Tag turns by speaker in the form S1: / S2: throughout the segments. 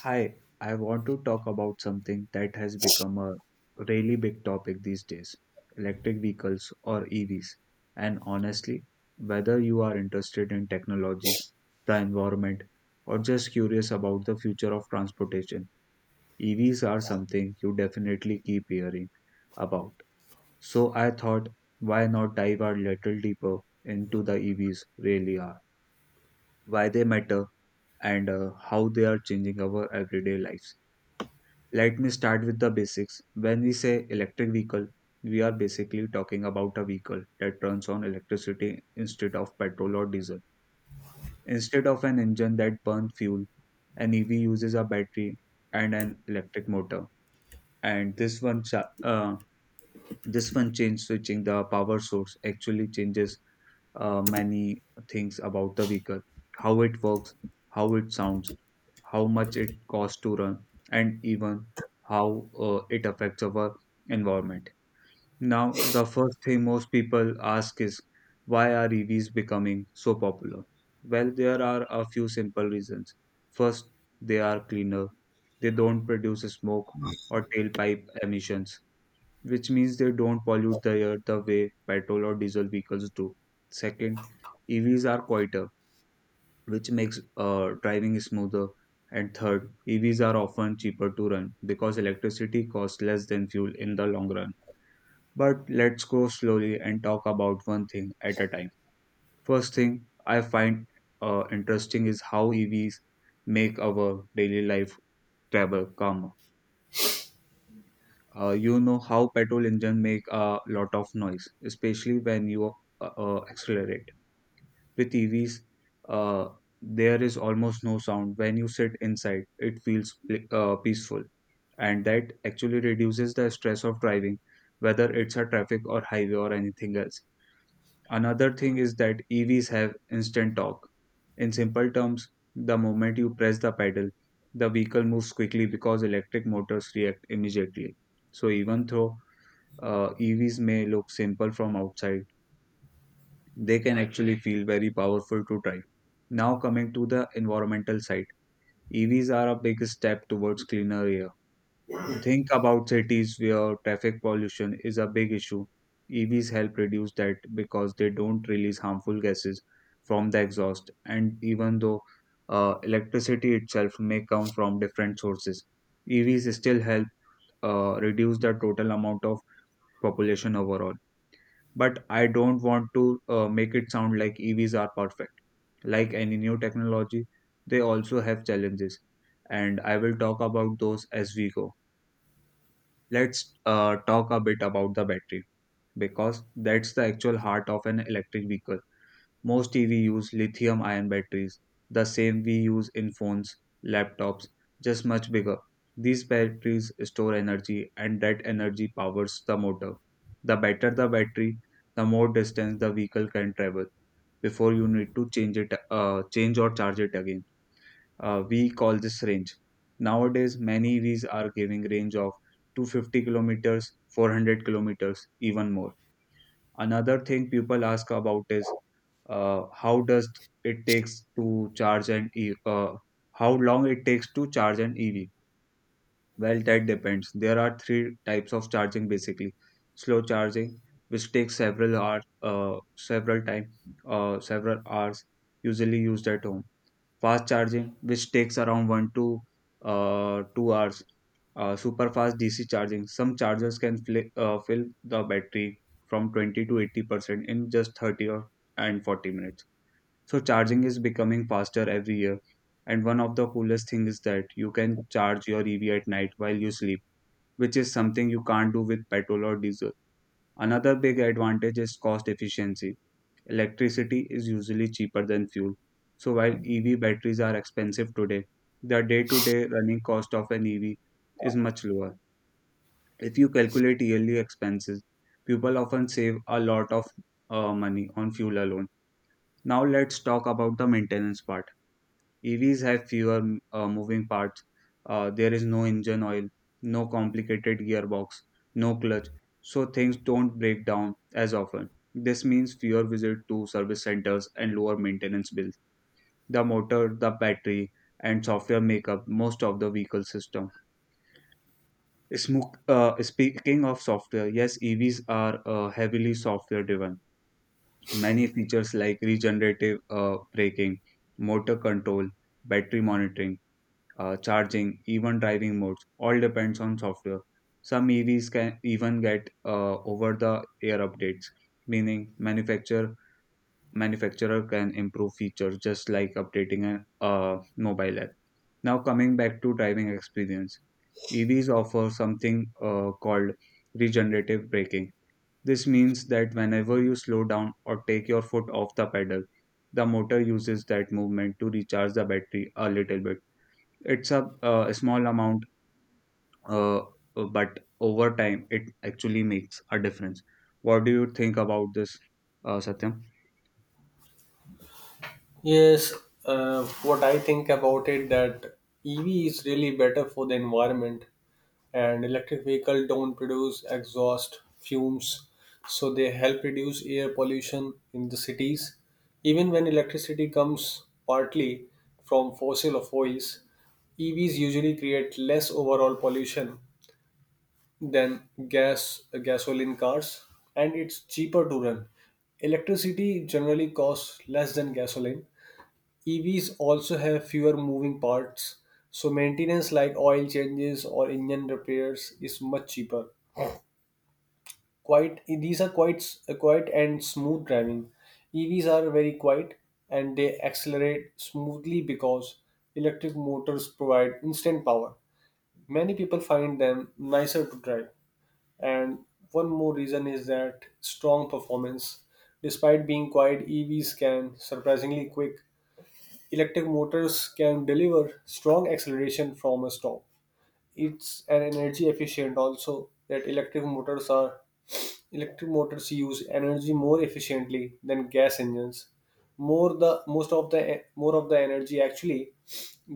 S1: Hi, I want to talk about something that has become a really big topic these days: electric vehicles, or EVs. And honestly, whether you are interested in technologies, the environment, or just curious about the future of transportation, EVs are something you definitely keep hearing about. So I thought, why not dive a little deeper into the EVs really are, why they matter, and how they are changing our everyday lives. Let me start with the basics. When we say electric vehicle, we are basically talking about a vehicle that runs on electricity instead of petrol or diesel. Instead of an engine that burns fuel, an EV uses a battery and an electric motor. And this one, this one change switching the power source actually changes many things about the vehicle: how it works, how it sounds, how much it costs to run, and even how it affects our environment. Now, the first thing most people ask is, why are EVs becoming so popular? Well, there are a few simple reasons. First, they are cleaner, they don't produce smoke or tailpipe emissions, which means they don't pollute the air the way petrol or diesel vehicles do. Second, EVs are quieter, which makes driving smoother. And third, EVs are often cheaper to run because electricity costs less than fuel in the long run. But let's go slowly and talk about one thing at a time. First thing I find interesting is how EVs make our daily life travel calmer. You know how petrol engine make a lot of noise, especially when you accelerate. With EVs, uh, there is almost no sound. When you sit inside, it feels peaceful, and that actually reduces the stress of driving, whether it's a traffic or highway or anything else. Another thing is that EVs have instant torque. In simple terms, the moment you press the pedal, the vehicle moves quickly because electric motors react immediately. So even though EVs may look simple from outside, they can actually feel very powerful to try. Now, coming to the environmental side, EVs are a big step towards cleaner air. Think about cities where traffic pollution is a big issue. EVs help reduce that because they don't release harmful gases from the exhaust, and even though electricity itself may come from different sources, EVs still help reduce the total amount of population overall. But I don't want to make it sound like EVs are perfect. Like any new technology, they also have challenges, and I will talk about those as we go. Let's talk a bit about the battery, because that's the actual heart of an electric vehicle. Most EV use lithium ion batteries, the same we use in phones, laptops, just much bigger. These batteries store energy, and that energy powers the motor. The better the battery, the more distance the vehicle can travel before you need to change or charge it again. We call this range. Nowadays, many EVs are giving range of 250 kilometers, 400 kilometers, even more. Another thing people ask about is, how does it takes to charge an E how long it takes to charge an EV? Well, that depends. There are three types of charging basically. Slow charging, which takes several hours, several hours, usually used at home; fast charging, which takes around 1 to 2 hours; super fast DC charging, some chargers can fli fill the battery from 20 to 80% in just 30 or and 40 minutes. So charging is becoming faster every year, and one of the coolest things is that you can charge your EV at night while you sleep, which is something you can't do with petrol or diesel. Another big advantage is cost efficiency. Electricity is usually cheaper than fuel. So while EV batteries are expensive today, the day-to-day running cost of an EV is much lower. If you calculate yearly expenses, people often save a lot of money on fuel alone. Now let's talk about the maintenance part. EVs have fewer moving parts. There is no engine oil, no complicated gearbox, no clutch, so things don't break down as often. This means fewer visits to service centers and lower maintenance bills. The motor, the battery, and software make up most of the vehicle system. Speaking of software, yes, EVs are heavily software driven. Many features like regenerative braking, motor control, battery monitoring, charging, even driving modes, all depends on software. Some EVs can even get over-the-air updates, meaning manufacturer can improve features just like updating a mobile app. Now coming back to driving experience, EVs offer something called regenerative braking. This means that whenever you slow down or take your foot off the pedal, the motor uses that movement to recharge the battery a little bit. It's a small amount, uh, but over time, it actually makes a difference. What do you think about this, Satyam?
S2: Yes, what I think about it that EV is really better for the environment, and electric vehicle don't produce exhaust fumes, so they help reduce air pollution in the cities. Even when electricity comes partly from fossil fuels, EVs usually create less overall pollution than gasoline cars, and it's cheaper to run. Electricity generally costs less than gasoline. EVs also have fewer moving parts, so maintenance like oil changes or engine repairs is much cheaper. Quite these are quite s- Quiet and smooth driving. EVs are very quiet and they accelerate smoothly because electric motors provide instant power. Many people find them nicer to drive. And one more reason is that strong performance. Despite being quiet, EVs can surprisingly quick. Electric motors can deliver strong acceleration from a stop. It's an energy efficient also that electric motors use energy more efficiently than gas engines. More the most of the more of the energy actually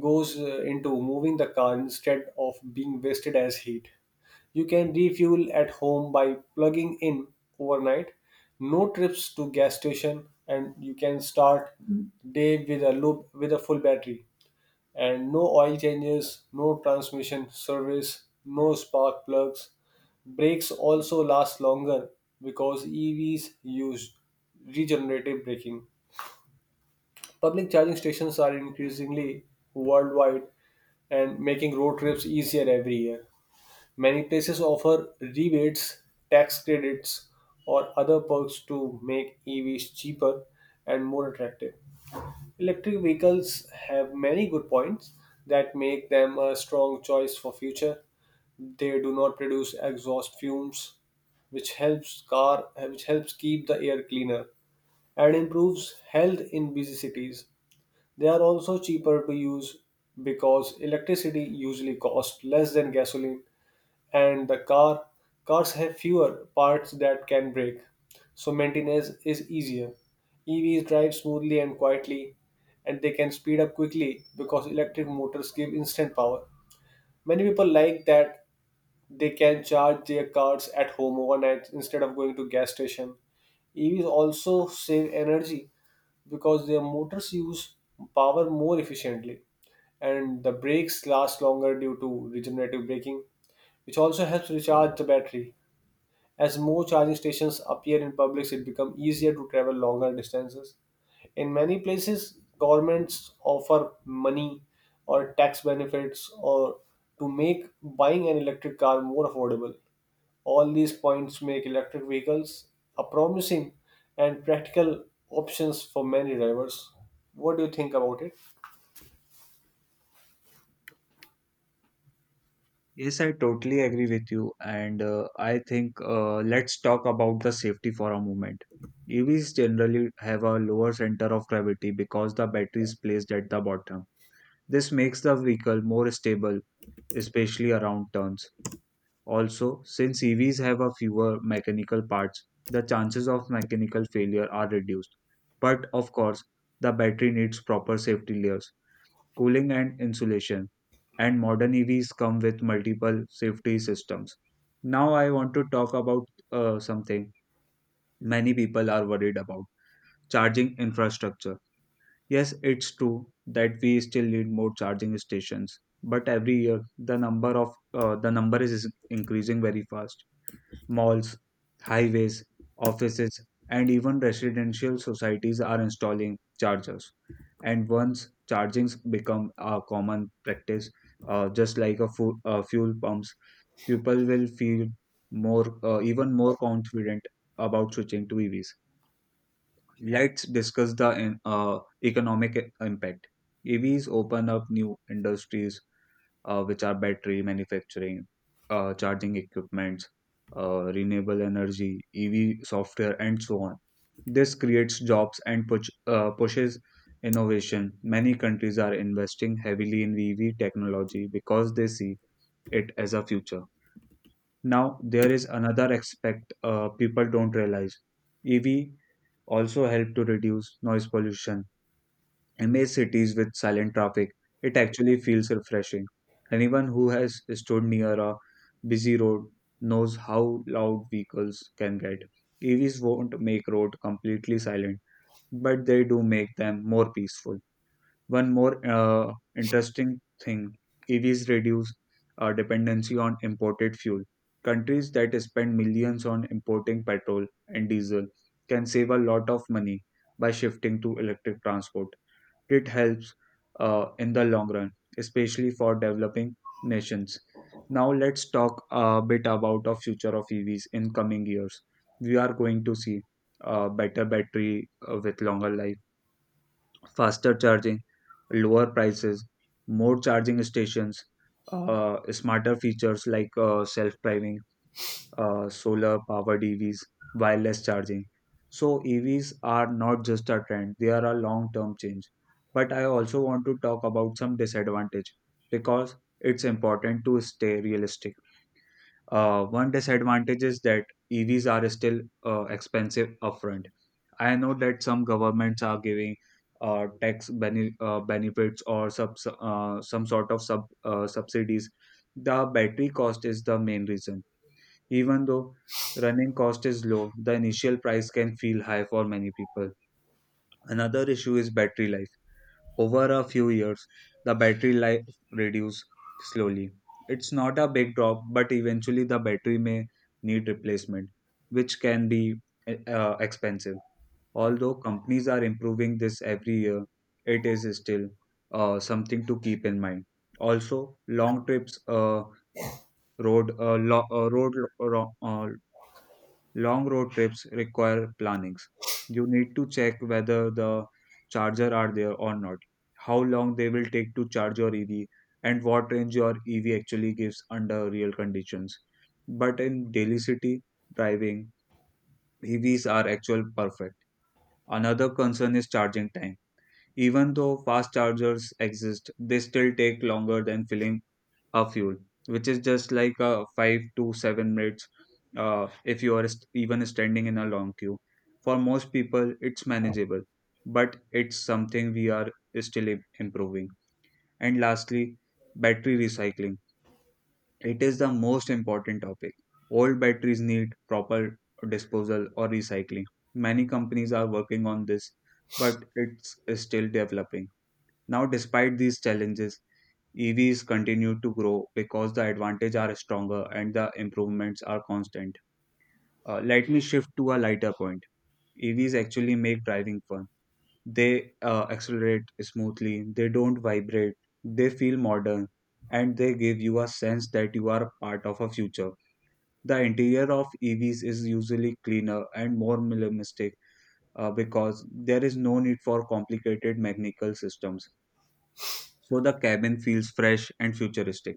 S2: goes into moving the car instead of being wasted as heat. You can refuel at home by plugging in overnight. No trips to gas station, and you can start day with a full battery, and no oil changes, no transmission service, no spark plugs. Brakes also last longer because EVs use regenerative braking. Public charging stations are increasingly worldwide and making road trips easier every year. Many places offer rebates, tax credits, or other perks to make EVs cheaper and more attractive. Electric vehicles have many good points that make them a strong choice for future. They do not produce exhaust fumes, which helps keep the air cleaner and improves health in busy cities. They are also cheaper to use because electricity usually costs less than gasoline, and the car cars have fewer parts that can break, so maintenance is easier. EVs drive smoothly and quietly, and they can speed up quickly because electric motors give instant power. Many people like that they can charge their cars at home overnight instead of going to gas station. EVs also save energy because their motors use power more efficiently, and the brakes last longer due to regenerative braking, which also helps recharge the battery. As more charging stations appear in publics, it becomes easier to travel longer distances. In many places, governments offer money or tax benefits or to make buying an electric car more affordable. All these points make electric vehicles a promising and practical options for many drivers. What do you think about it?
S1: Yes, I totally agree with you. And I think let's talk about the safety for a moment. EVs generally have a lower center of gravity because the battery is placed at the bottom. This makes the vehicle more stable, especially around turns. Also, since EVs have a fewer mechanical parts, the chances of mechanical failure are reduced. But of course, the battery needs proper safety layers, cooling and insulation, and modern EVs come with multiple safety systems. Now I want to talk about something many people are worried about: charging infrastructure. Yes, it's true that we still need more charging stations, but every year the number is increasing very fast. Malls, highways, offices, and even residential societies are installing chargers. And once chargings become a common practice, just like a fuel pumps, people will feel even more confident about switching to EVs. Let's discuss the economic impact. EVs open up new industries, which are battery manufacturing, charging equipments, renewable energy, EV software, and so on. This creates jobs and pushes innovation. Many countries are investing heavily in EV technology because they see it as a future. Now, there is another aspect people don't realize. EV also help to reduce noise pollution. Amazed cities with silent traffic, it actually feels refreshing. Anyone who has stood near a busy road knows how loud vehicles can get. EVs won't make road completely silent, but they do make them more peaceful. One more interesting thing, EVs reduce dependency on imported fuel. Countries that spend millions on importing petrol and diesel can save a lot of money by shifting to electric transport. It helps in the long run, especially for developing nations. Now let's talk a bit about the future of EVs in coming years. We are going to see better battery with longer life, faster charging, lower prices, more charging stations, smarter features like self-driving, solar powered EVs, wireless charging. So, EVs are not just a trend, they are a long term change. But I also want to talk about some disadvantage because it's important to stay realistic. One disadvantage is that EVs are still expensive upfront. I know that some governments are giving benefits or sub- some sort of sub subsidies. The battery cost is the main reason. Even though running cost is low, the initial price can feel high for many people. Another issue is battery life. Over a few years, the battery life reduces slowly. It's not a big drop, but eventually the battery may need replacement, which can be expensive. Although companies are improving this every year, it is still something to keep in mind. Also, long trips, road, lo- road, ro- long road trips require plannings. You need to check whether the charger are there or not, how long they will take to charge your EV, and what range your EV actually gives under real conditions. But in daily city driving, EVs are actual perfect. Another concern is charging time. Even though fast chargers exist, they still take longer than filling a fuel, which is just like 5 to 7 minutes, if you are even standing in a long queue. For most people, it's manageable, but it's something we are still improving. And lastly, battery recycling. It is the most important topic. Old batteries need proper disposal or recycling. Many companies are working on this, but it's still developing. Now, despite these challenges, EVs continue to grow because the advantages are stronger and the improvements are constant. Let me shift to a lighter point. EVs actually make driving fun. They accelerate smoothly, they don't vibrate, they feel modern, and they give you a sense that you are part of a future. The interior of EVs is usually cleaner and more minimalistic because there is no need for complicated mechanical systems. So the cabin feels fresh and futuristic.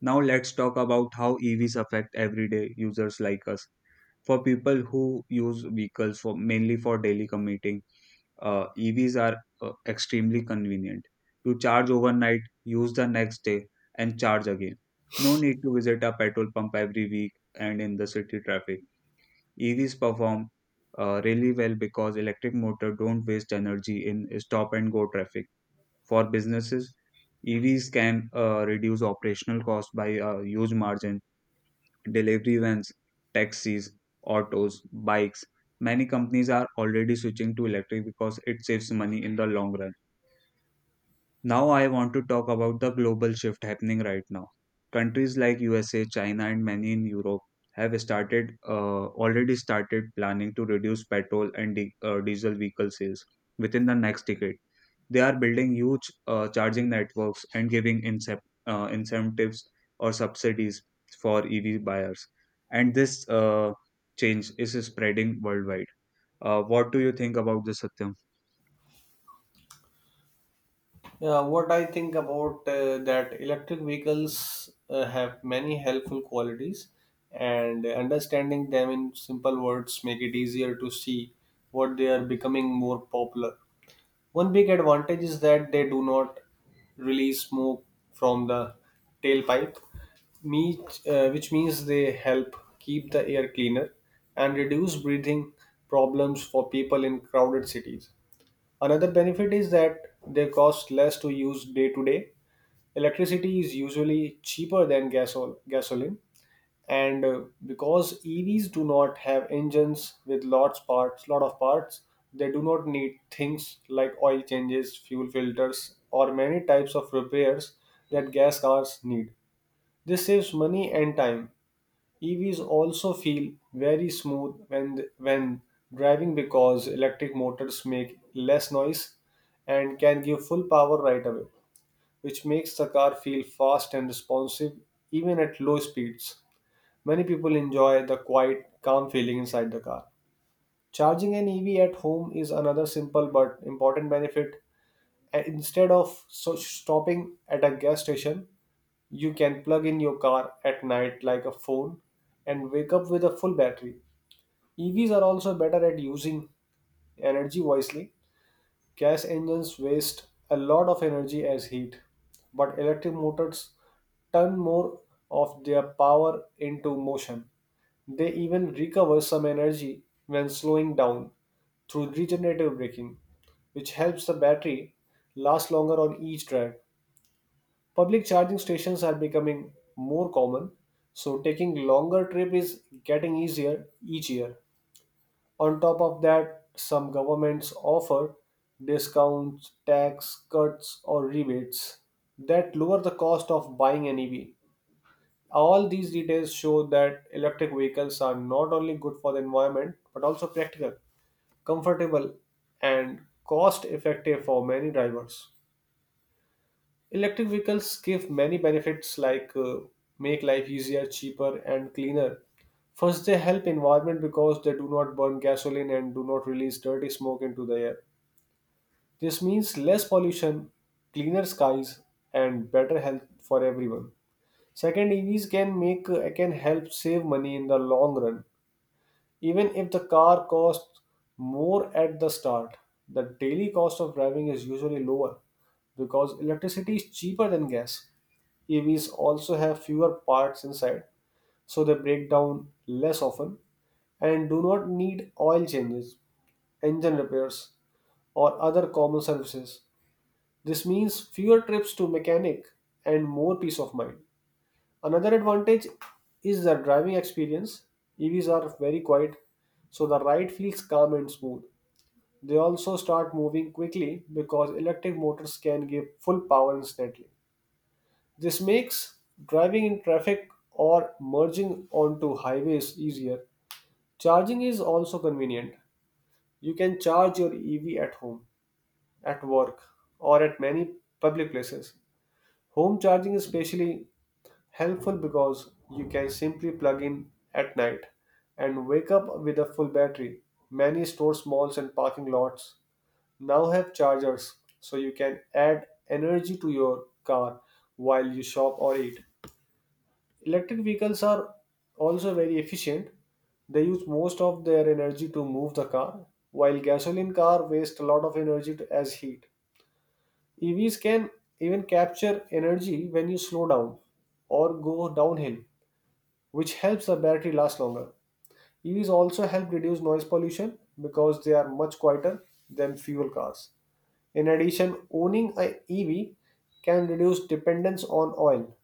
S1: Now let's talk about how EVs affect everyday users like us. For people who use vehicles for mainly for daily commuting, EVs are extremely convenient. You charge overnight, use the next day, and charge again. No need to visit a petrol pump every week and in the city traffic. EVs perform really well because electric motor don't waste energy in stop and go traffic. For businesses, EVs can reduce operational costs by a huge margin. Delivery vans, taxis, autos, bikes. Many companies are already switching to electric because it saves money in the long run. Now, I want to talk about the global shift happening right now. Countries like USA, China, and many in Europe have started already started planning to reduce petrol and diesel vehicle sales within the next decade. They are building huge charging networks and giving incentives or subsidies for EV buyers. And this change is spreading worldwide. What do you think about this, Satyam?
S2: Yeah, what I think about that electric vehicles have many helpful qualities, and understanding them in simple words make it easier to see what they are becoming more popular. One big advantage is that they do not release smoke from the tailpipe, which means they help keep the air cleaner and reduce breathing problems for people in crowded cities. Another benefit is that they cost less to use day to day. Electricity is usually cheaper than gasoline, and because EVs do not have engines with lots parts, lot of parts, they do not need things like oil changes, fuel filters, or many types of repairs that gas cars need. This saves money and time. EVs also feel very smooth when driving because electric motors make less noise and can give full power right away, which makes the car feel fast and responsive even at low speeds. Many people enjoy the quiet, calm feeling inside the car. Charging an EV at home is another simple but important benefit. Instead of stopping at a gas station, you can plug in your car at night like a phone and wake up with a full battery. EVs are also better at using energy wisely. Gas engines waste a lot of energy as heat, but electric motors turn more of their power into motion. They even recover some energy when slowing down through regenerative braking, which helps the battery last longer on each drive. Public charging stations are becoming more common, so taking longer trip is getting easier each year. On top of that, some governments offer discounts, tax cuts or rebates that lower the cost of buying an EV. All these details show that electric vehicles are not only good for the environment but also practical, comfortable and cost effective for many drivers. Electric vehicles give many benefits like make life easier, cheaper, and cleaner. First, they help environment because they do not burn gasoline and do not release dirty smoke into the air. This means less pollution, cleaner skies, and better health for everyone. Second, EVs can help save money in the long run. Even if the car costs more at the start, the daily cost of driving is usually lower because electricity is cheaper than gas. EVs also have fewer parts inside, so they break down less often and do not need oil changes, engine repairs, or other common services. This means fewer trips to mechanic and more peace of mind. Another advantage is the driving experience. EVs are very quiet, so the ride feels calm and smooth. They also start moving quickly because electric motors can give full power instantly. This makes driving in traffic or merging onto highways easier. Charging is also convenient. You can charge your EV at home, at work, or at many public places. Home charging is especially helpful because you can simply plug in at night and wake up with a full battery. Many stores, malls, and parking lots now have chargers, so you can add energy to your car while you shop or eat. Electric vehicles are also very efficient. They use most of their energy to move the car, while gasoline car waste a lot of energy to, as heat. EVs can even capture energy when you slow down or go downhill, which helps the battery last longer. EVs also help reduce noise pollution because they are much quieter than fuel cars. In addition, owning an EV can reduce dependence on oil,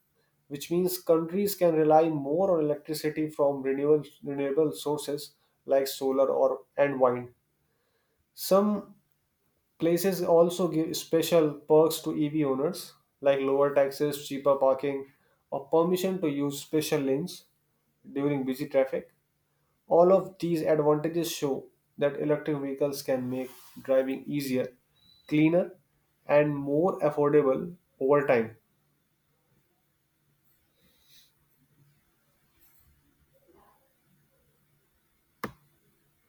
S2: which means countries can rely more on electricity from renewable sources like solar or and wind. Some places also give special perks to EV owners like lower taxes, cheaper parking, or permission to use special lanes during busy traffic. All of these advantages show that electric vehicles can make driving easier, cleaner, and more affordable over time.